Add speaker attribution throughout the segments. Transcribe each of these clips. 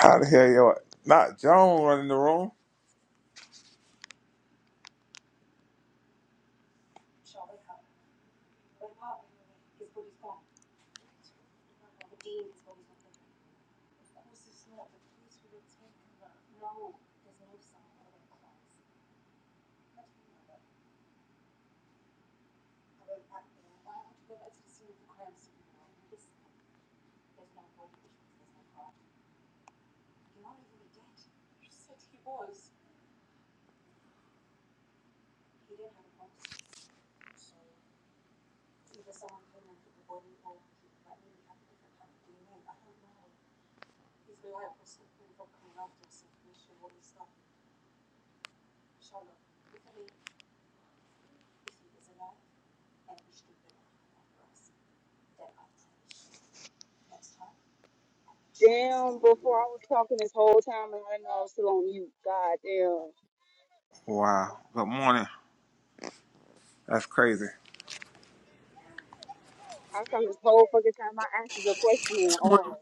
Speaker 1: How the hell you not Joan running the room?
Speaker 2: Damn, before I was talking this whole time and I know I'm still on mute. God damn.
Speaker 1: Wow. Good morning. That's crazy.
Speaker 2: I was talking this whole fucking time. I answered your question and
Speaker 3: morning.
Speaker 2: all.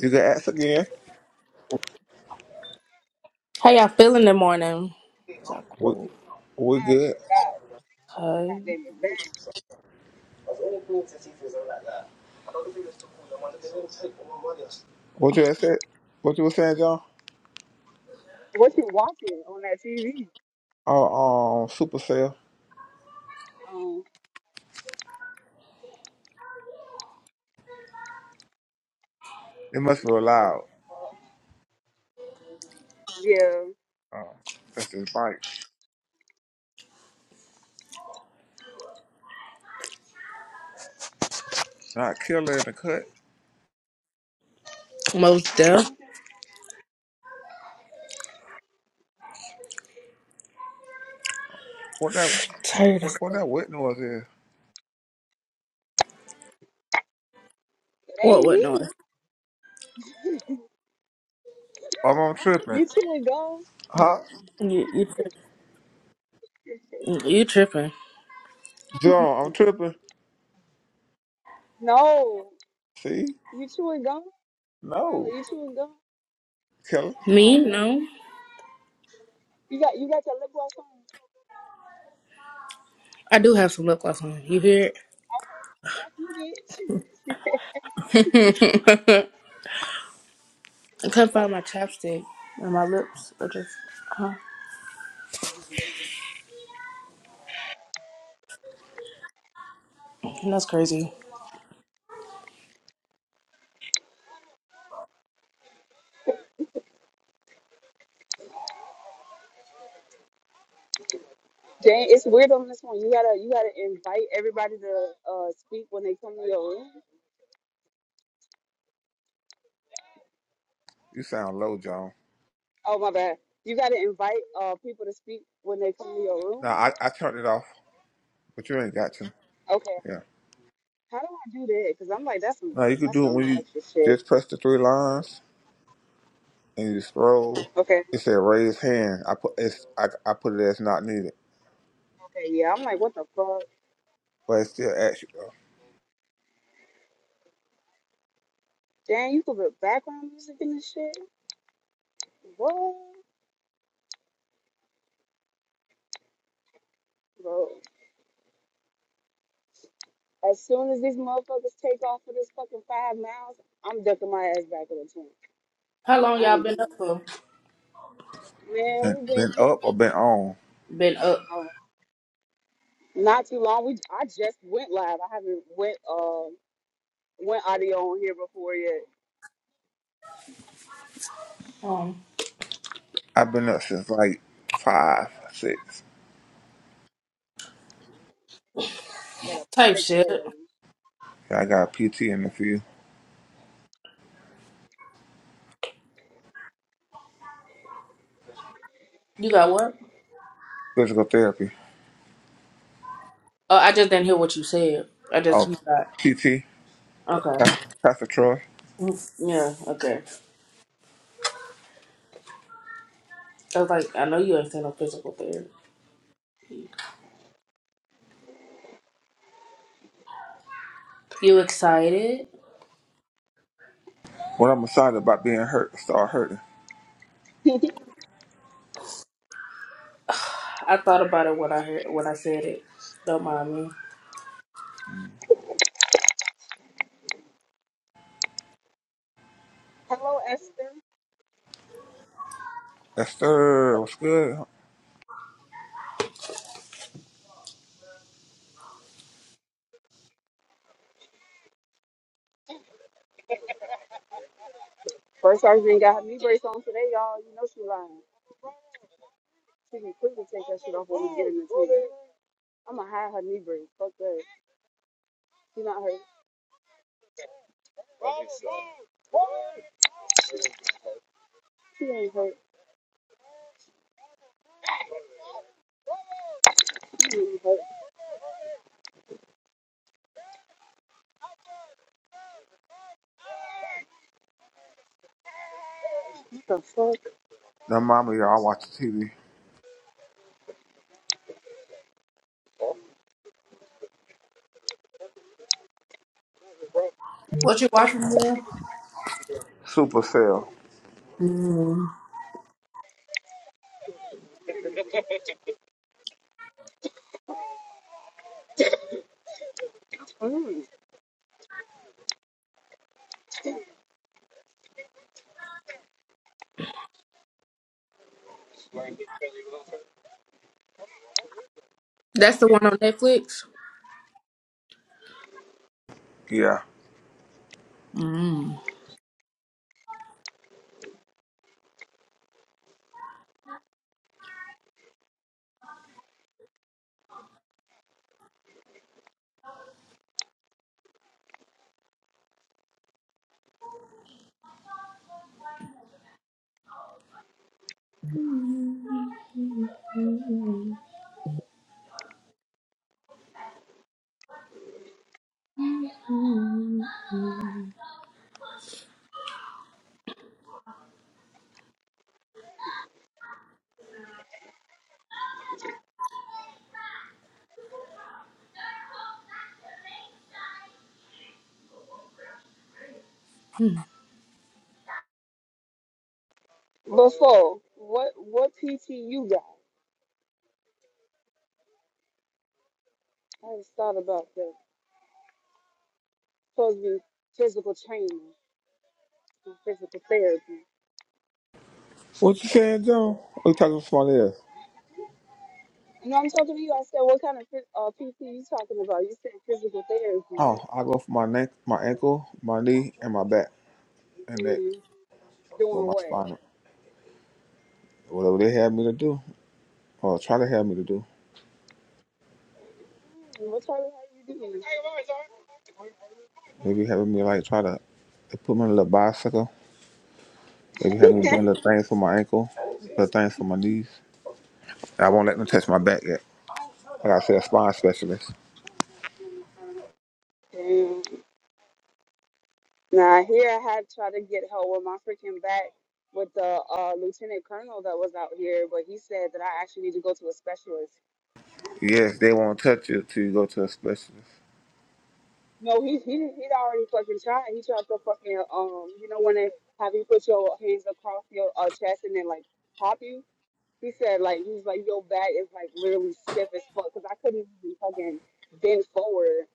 Speaker 1: You can ask again.
Speaker 3: How y'all feeling in the morning? Y'all
Speaker 1: We
Speaker 3: cool.
Speaker 1: we good.
Speaker 2: God, God
Speaker 3: Tired.
Speaker 2: damn it. Babe,
Speaker 1: What you had said? What you were saying, John?
Speaker 2: What you watching on that TV?
Speaker 1: Oh, um, super sale.
Speaker 2: Um,
Speaker 1: It must be loud.
Speaker 2: yeah.
Speaker 1: Um, that's his bike. Not killer in the cut.
Speaker 3: Most deaf.
Speaker 2: Mhm.
Speaker 1: What that?
Speaker 3: Tired as
Speaker 1: What that wet noise is?
Speaker 2: It
Speaker 3: what
Speaker 2: ain't
Speaker 3: what
Speaker 2: me.
Speaker 3: noise?
Speaker 1: I'm, I'm tripping.
Speaker 2: You chewing gum?
Speaker 1: Huh?
Speaker 3: You you tri- you tripping.
Speaker 1: John, I'm tripping.
Speaker 2: No.
Speaker 1: See?
Speaker 2: You chewing gum? Tyler,
Speaker 1: No,
Speaker 2: you chewing gum?
Speaker 1: killer.
Speaker 2: Oh,
Speaker 3: Me?
Speaker 2: damn.
Speaker 3: No.
Speaker 2: You got you got your lip gloss on.
Speaker 3: I do have some lip gloss on. You hear
Speaker 2: Fuck You bitch.
Speaker 3: it? I couldn't find my chapstick and my lips are just huh. That's crazy.
Speaker 2: Dang, it's weird on this one. You gotta you gotta invite everybody to uh speak when they come to your room.
Speaker 1: You sound low, John.
Speaker 2: Oh my bad. You gotta invite uh people to speak when they come to your
Speaker 1: Now
Speaker 2: room.
Speaker 1: I I turned it off, but you ain't got to.
Speaker 2: Okay.
Speaker 1: Yeah.
Speaker 2: How do I do that? Cause I'm like that's some
Speaker 1: No, you could
Speaker 2: that's
Speaker 1: do it
Speaker 2: some
Speaker 1: when you
Speaker 2: extra shit.
Speaker 1: just press the three lines and you scroll.
Speaker 2: Okay.
Speaker 1: It said raise hand. I put it's I, I put it as not needed,
Speaker 2: Okay. Yeah. I'm like what the fuck?
Speaker 1: but it still asks you though.
Speaker 2: Damn, you could put background music in this shit. What? Bro. As soon as these motherfuckers take off for this fucking five miles, I'm ducking my ass back in the tent.
Speaker 3: How long
Speaker 2: I
Speaker 3: y'all
Speaker 2: ain't.
Speaker 3: been up for?
Speaker 2: Man,
Speaker 1: Been,
Speaker 2: we've been
Speaker 1: been
Speaker 2: here
Speaker 1: up or been on?
Speaker 3: Been up.
Speaker 2: um, not too long. We I just went live. I haven't went um went audio on here before yet.
Speaker 3: Um
Speaker 1: I've been up since like five, six.
Speaker 2: I gotta
Speaker 3: type
Speaker 2: fix
Speaker 3: shit.
Speaker 2: that.
Speaker 1: Yeah, I got PT in the field,
Speaker 3: You got what?
Speaker 1: physical therapy.
Speaker 3: Oh, I just didn't hear what you said. I just
Speaker 1: Oh,
Speaker 3: you got
Speaker 1: PT,
Speaker 3: okay.
Speaker 1: Pastor Pastor Troy.
Speaker 3: Yeah, okay. I was like, I know you ain't saying no physical therapy. You excited?
Speaker 1: When I'm excited about being hurt, start hurting.
Speaker 3: I thought about it when I heard when I said it. Don't mind me.
Speaker 2: Hello, Esther.
Speaker 1: Yes, sir. What's good?
Speaker 2: First sergeant ain't got her knee brace on today, y'all. You know she lying. She can quickly take that shit off when we get in the team. I'm gonna hide her knee brace. Fuck that. She not hurt. She ain't hurt. She ain't hurt. What the fuck?
Speaker 1: Now, mama, y'all watch the TV.
Speaker 3: What you watching now?
Speaker 1: Supercell.
Speaker 3: Mm.
Speaker 2: Mm.
Speaker 3: That's the one on Netflix.
Speaker 1: Yeah.
Speaker 3: Mm.
Speaker 2: Before, what what PT you got? I just thought about that. Supposed to be physical training and physical therapy.
Speaker 1: What you saying, Joe? What you talking about? somebody else?
Speaker 2: No, I'm talking to you. I said, what kind of phys- uh, PT you talking about? You said physical therapy.
Speaker 1: Oh, I go for my neck, my ankle, my knee, and my back and neck
Speaker 2: Mm.
Speaker 1: for
Speaker 2: Doing
Speaker 1: my
Speaker 2: what?
Speaker 1: spine. Whatever they have me to do, or try to have me to do.
Speaker 2: What type of how you
Speaker 1: They be having me like try to they put me on a little bicycle. They be having me doing little things for my ankle, little things for my knees. I won't let them touch my back yet. Like I said, a spine specialist.
Speaker 2: doing? Now here I had tried to get help with my freaking back with the uh, lieutenant colonel that was out here, but he said that I actually need to go to a specialist.
Speaker 1: Yes, they won't touch you till you go to a specialist.
Speaker 2: No, he he he'd already fucking tried. He tried to fucking um, you know, when they have you put your hands across your uh, chest and then like pop you. He said like he was like your back is like literally stiff as fuck because I couldn't even fucking bend forward.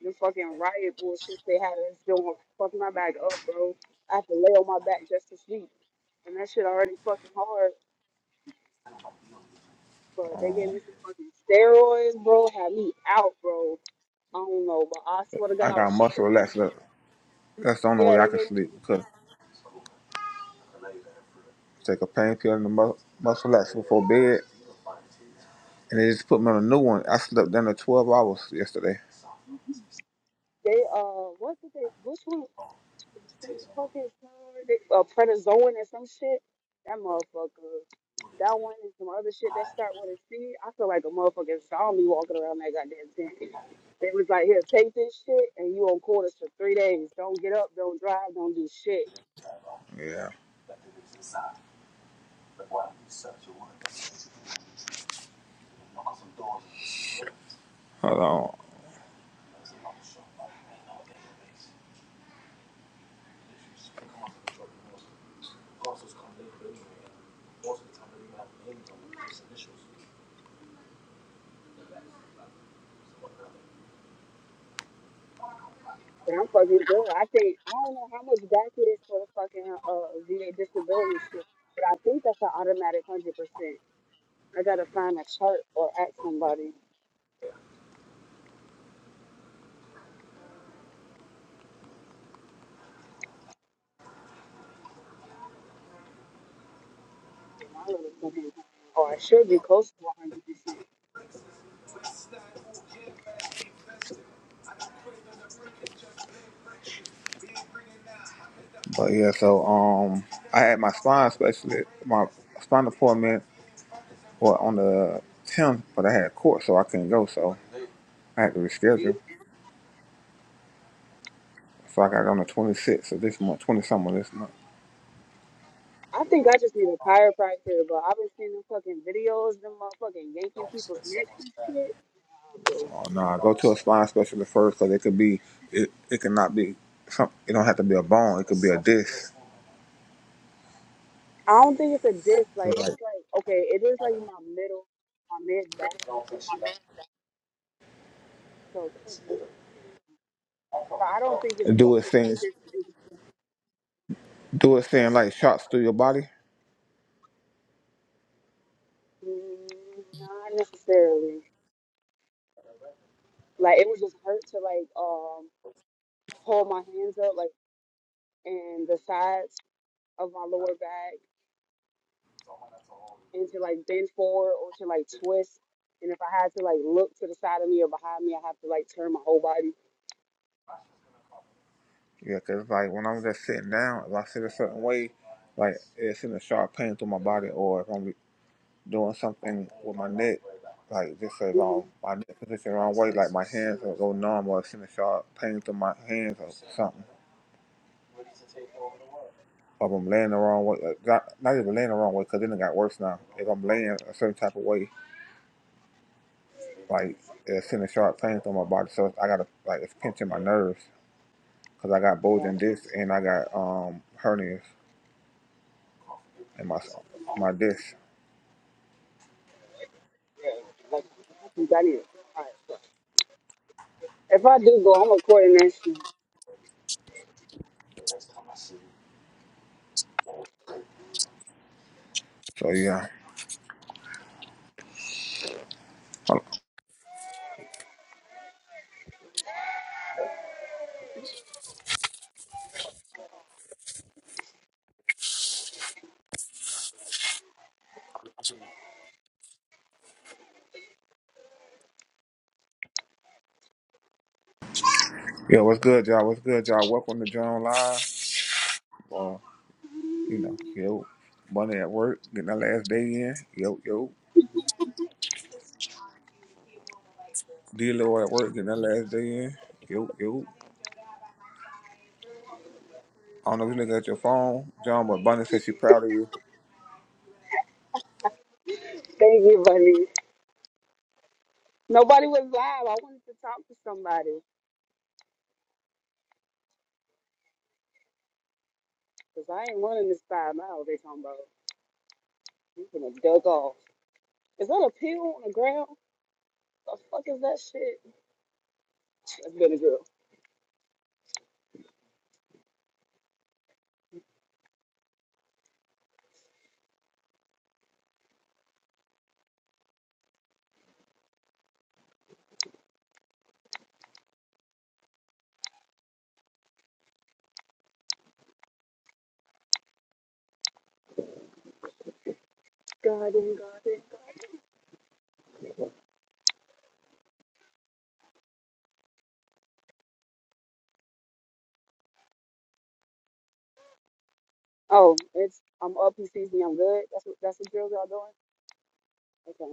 Speaker 2: The fucking riot bullshit they had us doing fucking my back up, bro. I have to lay on my back just to sleep, and that shit already fucking hard. But they gave me some fucking steroids, bro. Had me out, bro. I don't know, but I swear to God,
Speaker 1: I
Speaker 2: I was
Speaker 1: got muscle
Speaker 2: tripping.
Speaker 1: relaxer. that's the only
Speaker 2: Yeah,
Speaker 1: way I
Speaker 2: they
Speaker 1: can
Speaker 2: gave me
Speaker 1: sleep because I take a pain pill and a mu- muscle relaxer before bed, and they just put me on a new one. I slept down to twelve hours yesterday.
Speaker 2: they uh what did they which one? What the fuck is called? Uh, prednisone or some shit? That motherfucker. That one and some other shit that start with a C. I feel like a motherfucking zombie walking around that goddamn tent. They was like, here, take this shit and you on quarters for three days. Don't get up, don't drive, don't do shit.
Speaker 1: Yeah. Hold on.
Speaker 2: But I'm fucking good. I think, I don't know how much back it is for the fucking uh, VA disability shit, but I think that's an automatic 100%. I gotta find a chart or ask somebody. My little fucking- Or I should be close to 100%.
Speaker 1: But yeah, so um, I had my spine specialist, my spine appointment well, on the 10th, but I had court, so I couldn't go. So I had to reschedule. So I got on the 26th of this month, 20 something of this month.
Speaker 2: I think I just need a chiropractor, but I've been seeing them fucking videos, them motherfucking yanking people's necks and shit.
Speaker 1: So uh, no, I go to a spine specialist first because it could be, it, it could not be, some, it don't have to be a bone, it could be a disc.
Speaker 2: I don't think it's a disc.
Speaker 1: 'Cause,
Speaker 2: Like it's
Speaker 1: Like,
Speaker 2: like okay, it is like my middle, my mid back, so it could be. But I don't think it's bone.
Speaker 1: do it
Speaker 2: I think
Speaker 1: things,
Speaker 2: it's, it's
Speaker 1: do it thing like shots through your body.
Speaker 2: mm, not necessarily. Like it would just hurt to like um hold my hands up like and the sides of my lower back and to like bend forward or to like twist. And if I had to like look to the side of me or behind me, I have to like turn my whole body.
Speaker 1: Yeah, 'cause it's like when I'm just sitting down, if I sit a certain way, like it's in a sharp pain through my body, or if I'm doing something with my neck, like just as um
Speaker 2: Mhm.
Speaker 1: my neck position the wrong way, like my hands will go numb, or it's in a sharp pain through my hands or something. Or if I'm laying the wrong way, like, not, not even laying the wrong way, cause then it got worse now. If I'm laying a certain type of way, like it's in a sharp pain through my body, so I gotta like it's pinching my nerves, cause I got
Speaker 2: Yeah,
Speaker 1: bulging discs and I got um hernias in my my disc.
Speaker 2: yeah, like that is. All right. If I do go, I'm recording this.
Speaker 1: So yeah. Hold on. Yeah, what's good, y'all? What's good, y'all? Welcome to John Live. Uh, you know, yo, Bunny at work, getting that last day in. Yo, yo, D Lord at work, getting that last day in. Yo, yo. I don't know if you looking at your phone, John, but Bunny said she proud of you.
Speaker 2: Thank you, buddy. Nobody was live. I wanted to talk to somebody because I ain't running this five miles. They talking about you gonna duck off. Is that a pill on the ground? The fuck is that shit? That's been a girl. Garden, garden, garden. Oh, it's I'm up. You sees me. I'm good. That's what that's what girls are doing. Okay.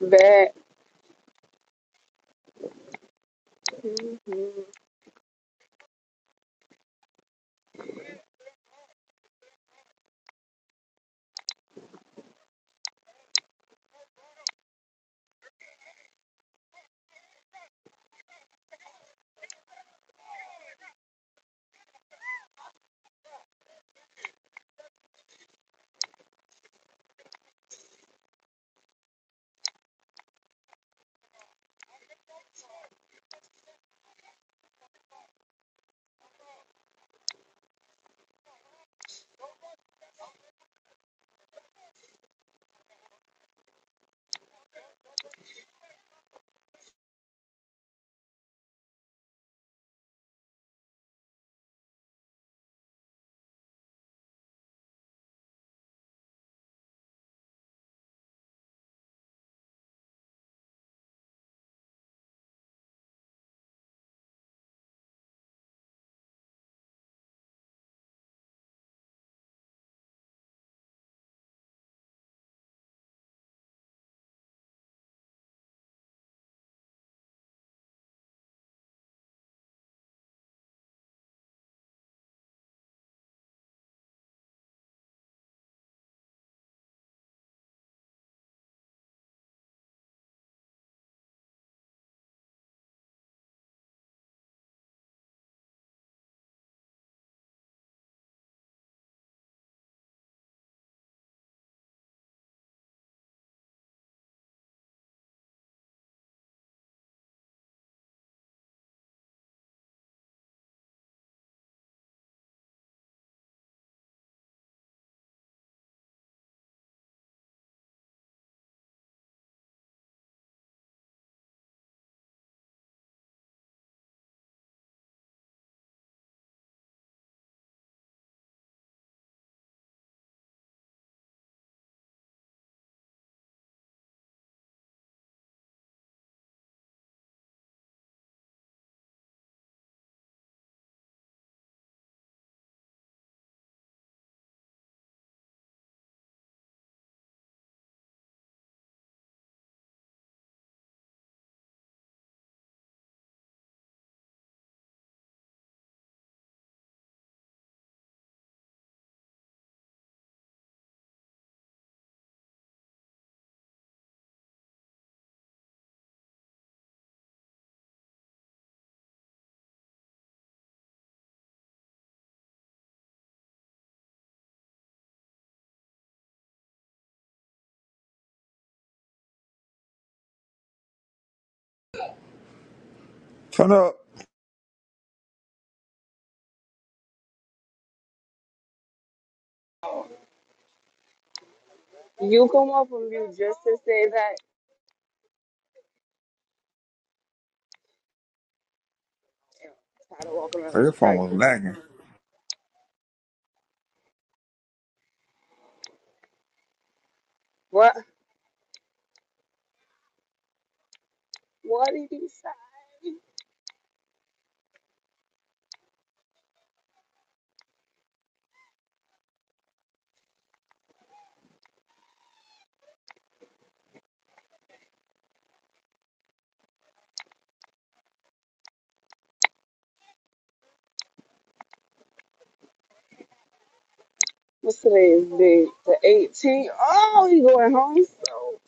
Speaker 2: That
Speaker 1: Turn up.
Speaker 2: you come off of you just to say that. and Try to walk around
Speaker 1: Girl,
Speaker 2: this
Speaker 1: your phone
Speaker 2: track.
Speaker 1: was lagging.
Speaker 2: What? What did you say? What's today's date? The 18th. Oh, you going home? So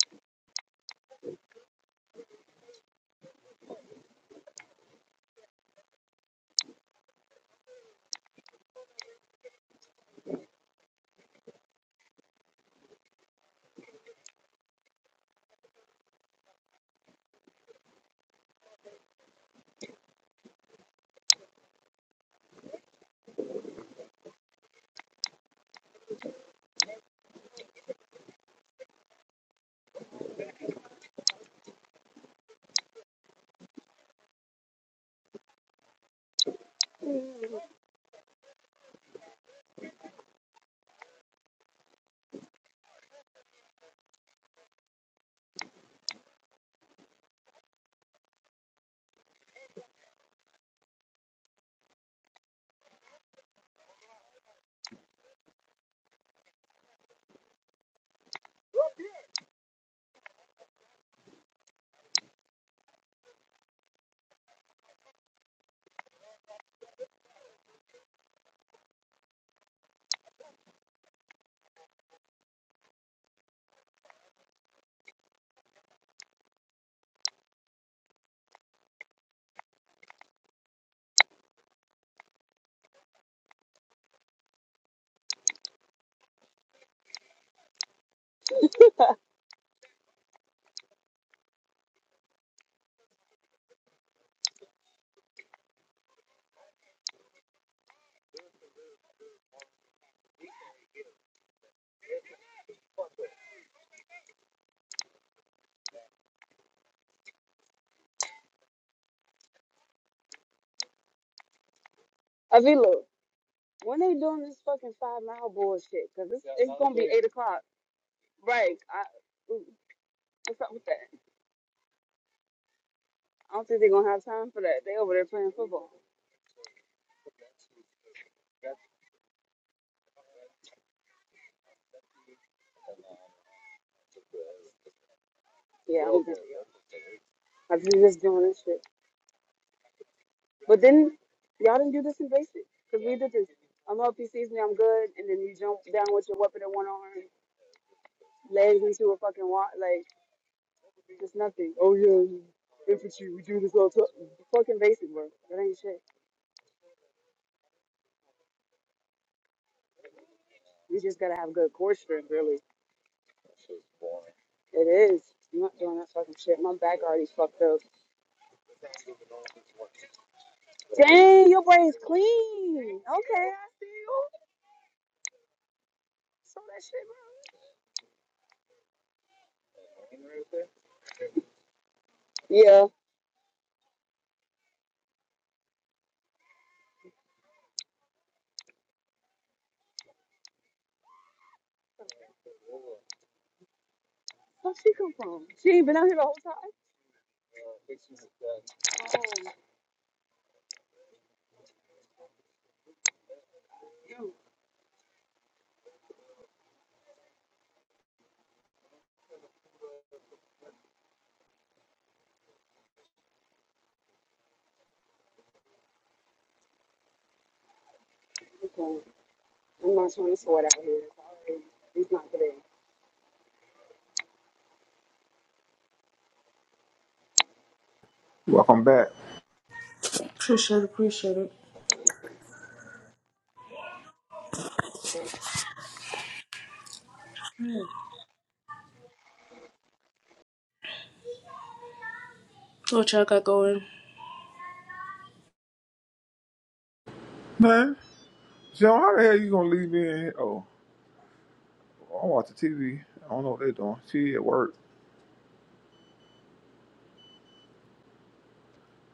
Speaker 2: mm. Avila, when they doing this fucking five mile bullshit? Cause it's, it's gonna be eight o'clock. Right. I, mm, what's up with that? I don't think they're gonna have time for that. They over there playing football. Yeah, I don't think- I think they're just doing this shit. But then y'all didn't do this in basic because we did this. I'm up, he sees me, I'm good, and then you jump down with your weapon in one arm, legs into a fucking wall, like just nothing. Oh yeah, infantry, we do this all time. Fucking basic, bro. That ain't shit. You just gotta have good core strength, really. It is. I'm not doing that fucking shit. My back already fucked up. Dang, your brain's clean. Okay, I saw that shit, bro. Yeah. Where she come from? She ain't been out here the whole time. Oh, dude. I'm not trying to sweat out here. It's already- it's not today.
Speaker 1: Welcome back.
Speaker 3: Appreciate it. Appreciate it. What y'all got going?
Speaker 1: Man, John, how the hell you gonna leave me in here? Oh, I watch the TV. I don't know what they doing. She at work.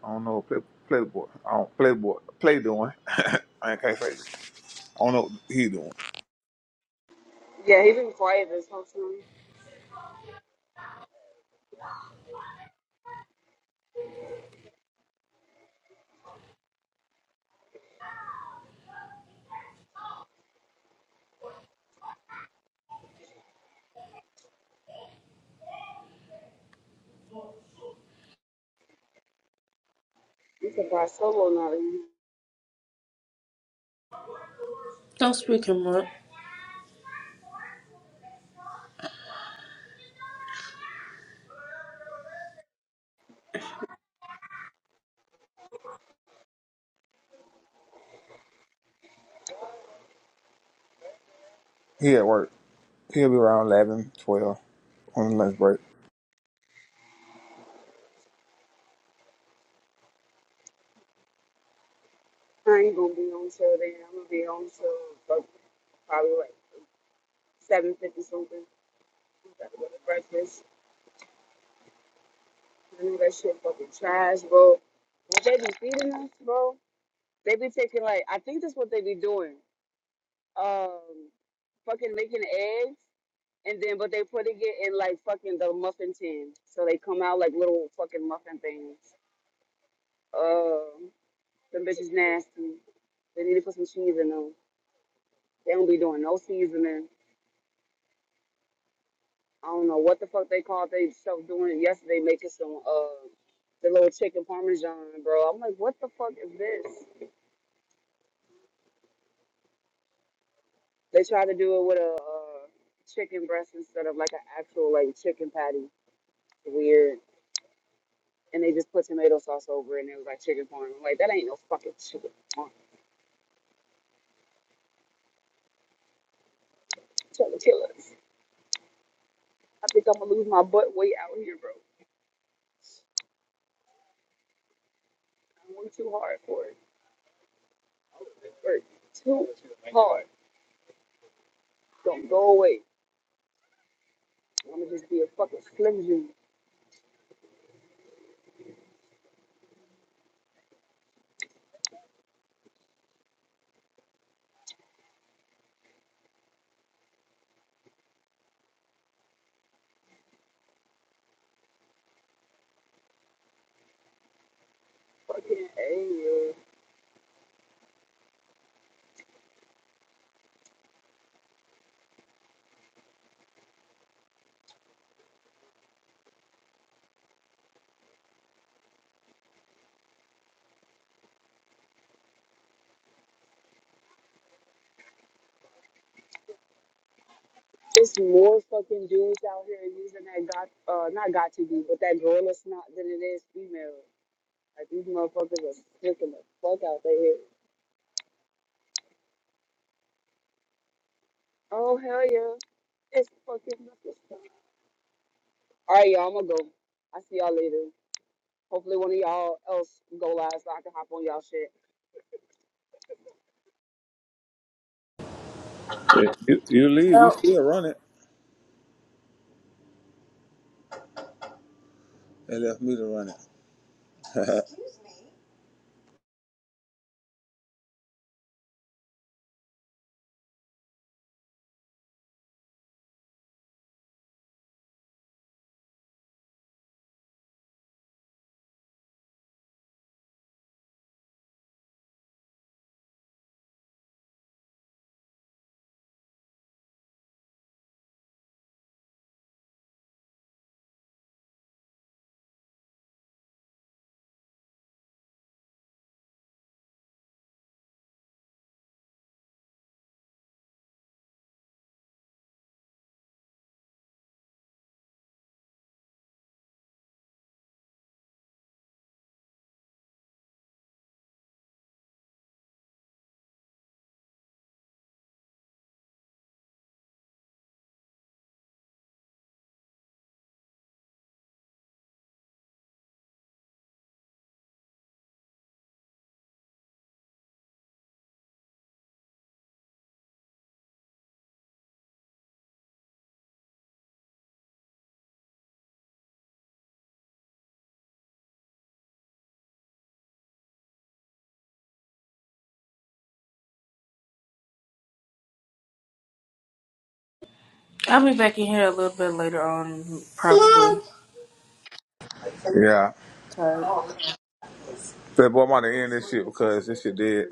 Speaker 1: I don't know. Play, playboy. I don't playboy. Play doing. I can't say. I don't know what he doing.
Speaker 2: Yeah, he been quiet this whole time. He's surprised solo not in.
Speaker 3: Don't speak him up.
Speaker 1: He at work. He'll be around 11, 12 on lunch break.
Speaker 2: I ain't gonna be on till then. I'm gonna be on till like, probably like seven fifty something. I gotta go to breakfast. I know that shit fucking trash, bro. What they be feeding us, bro? They be taking like I think that's what they be doing. Um, fucking making eggs and then but they putting it in like fucking the muffin tin, so they come out like little fucking muffin things. Um, them bitches nasty. They need to put some cheese in them. They don't be doing no seasoning. I don't know what the fuck they called they self doing it yesterday, making some uh the little chicken parmesan, bro. I'm like, what the fuck is this? They tried to do it with a uh, chicken breast instead of like an actual like chicken patty. Weird. And they just put tomato sauce over it and it was like chicken parm. I'm like, that ain't no fucking chicken parm. Trying to kill us. I think I'm gonna lose my butt weight out here, bro. I worked too hard for it. Work too hard. Don't go away. I'ma just be a fucking slim Jew. Fucking hey, It's more fucking dudes out here using that got uh not got to be, but that gorilla snot than it is female. Like these motherfuckers are sticking the fuck out their head. Oh hell yeah. It's fucking Alright y'all, I'm gonna go. I see y'all later. Hopefully one of y'all else go last so I can hop on y'all shit.
Speaker 1: Shit, You, you leave, we
Speaker 3: Well,
Speaker 1: still run it. They left me to run it.
Speaker 3: I'll be back in here a little bit later on, probably.
Speaker 1: Yeah.
Speaker 3: Tired.
Speaker 1: that boy, I'm about to end this shit because this shit dead.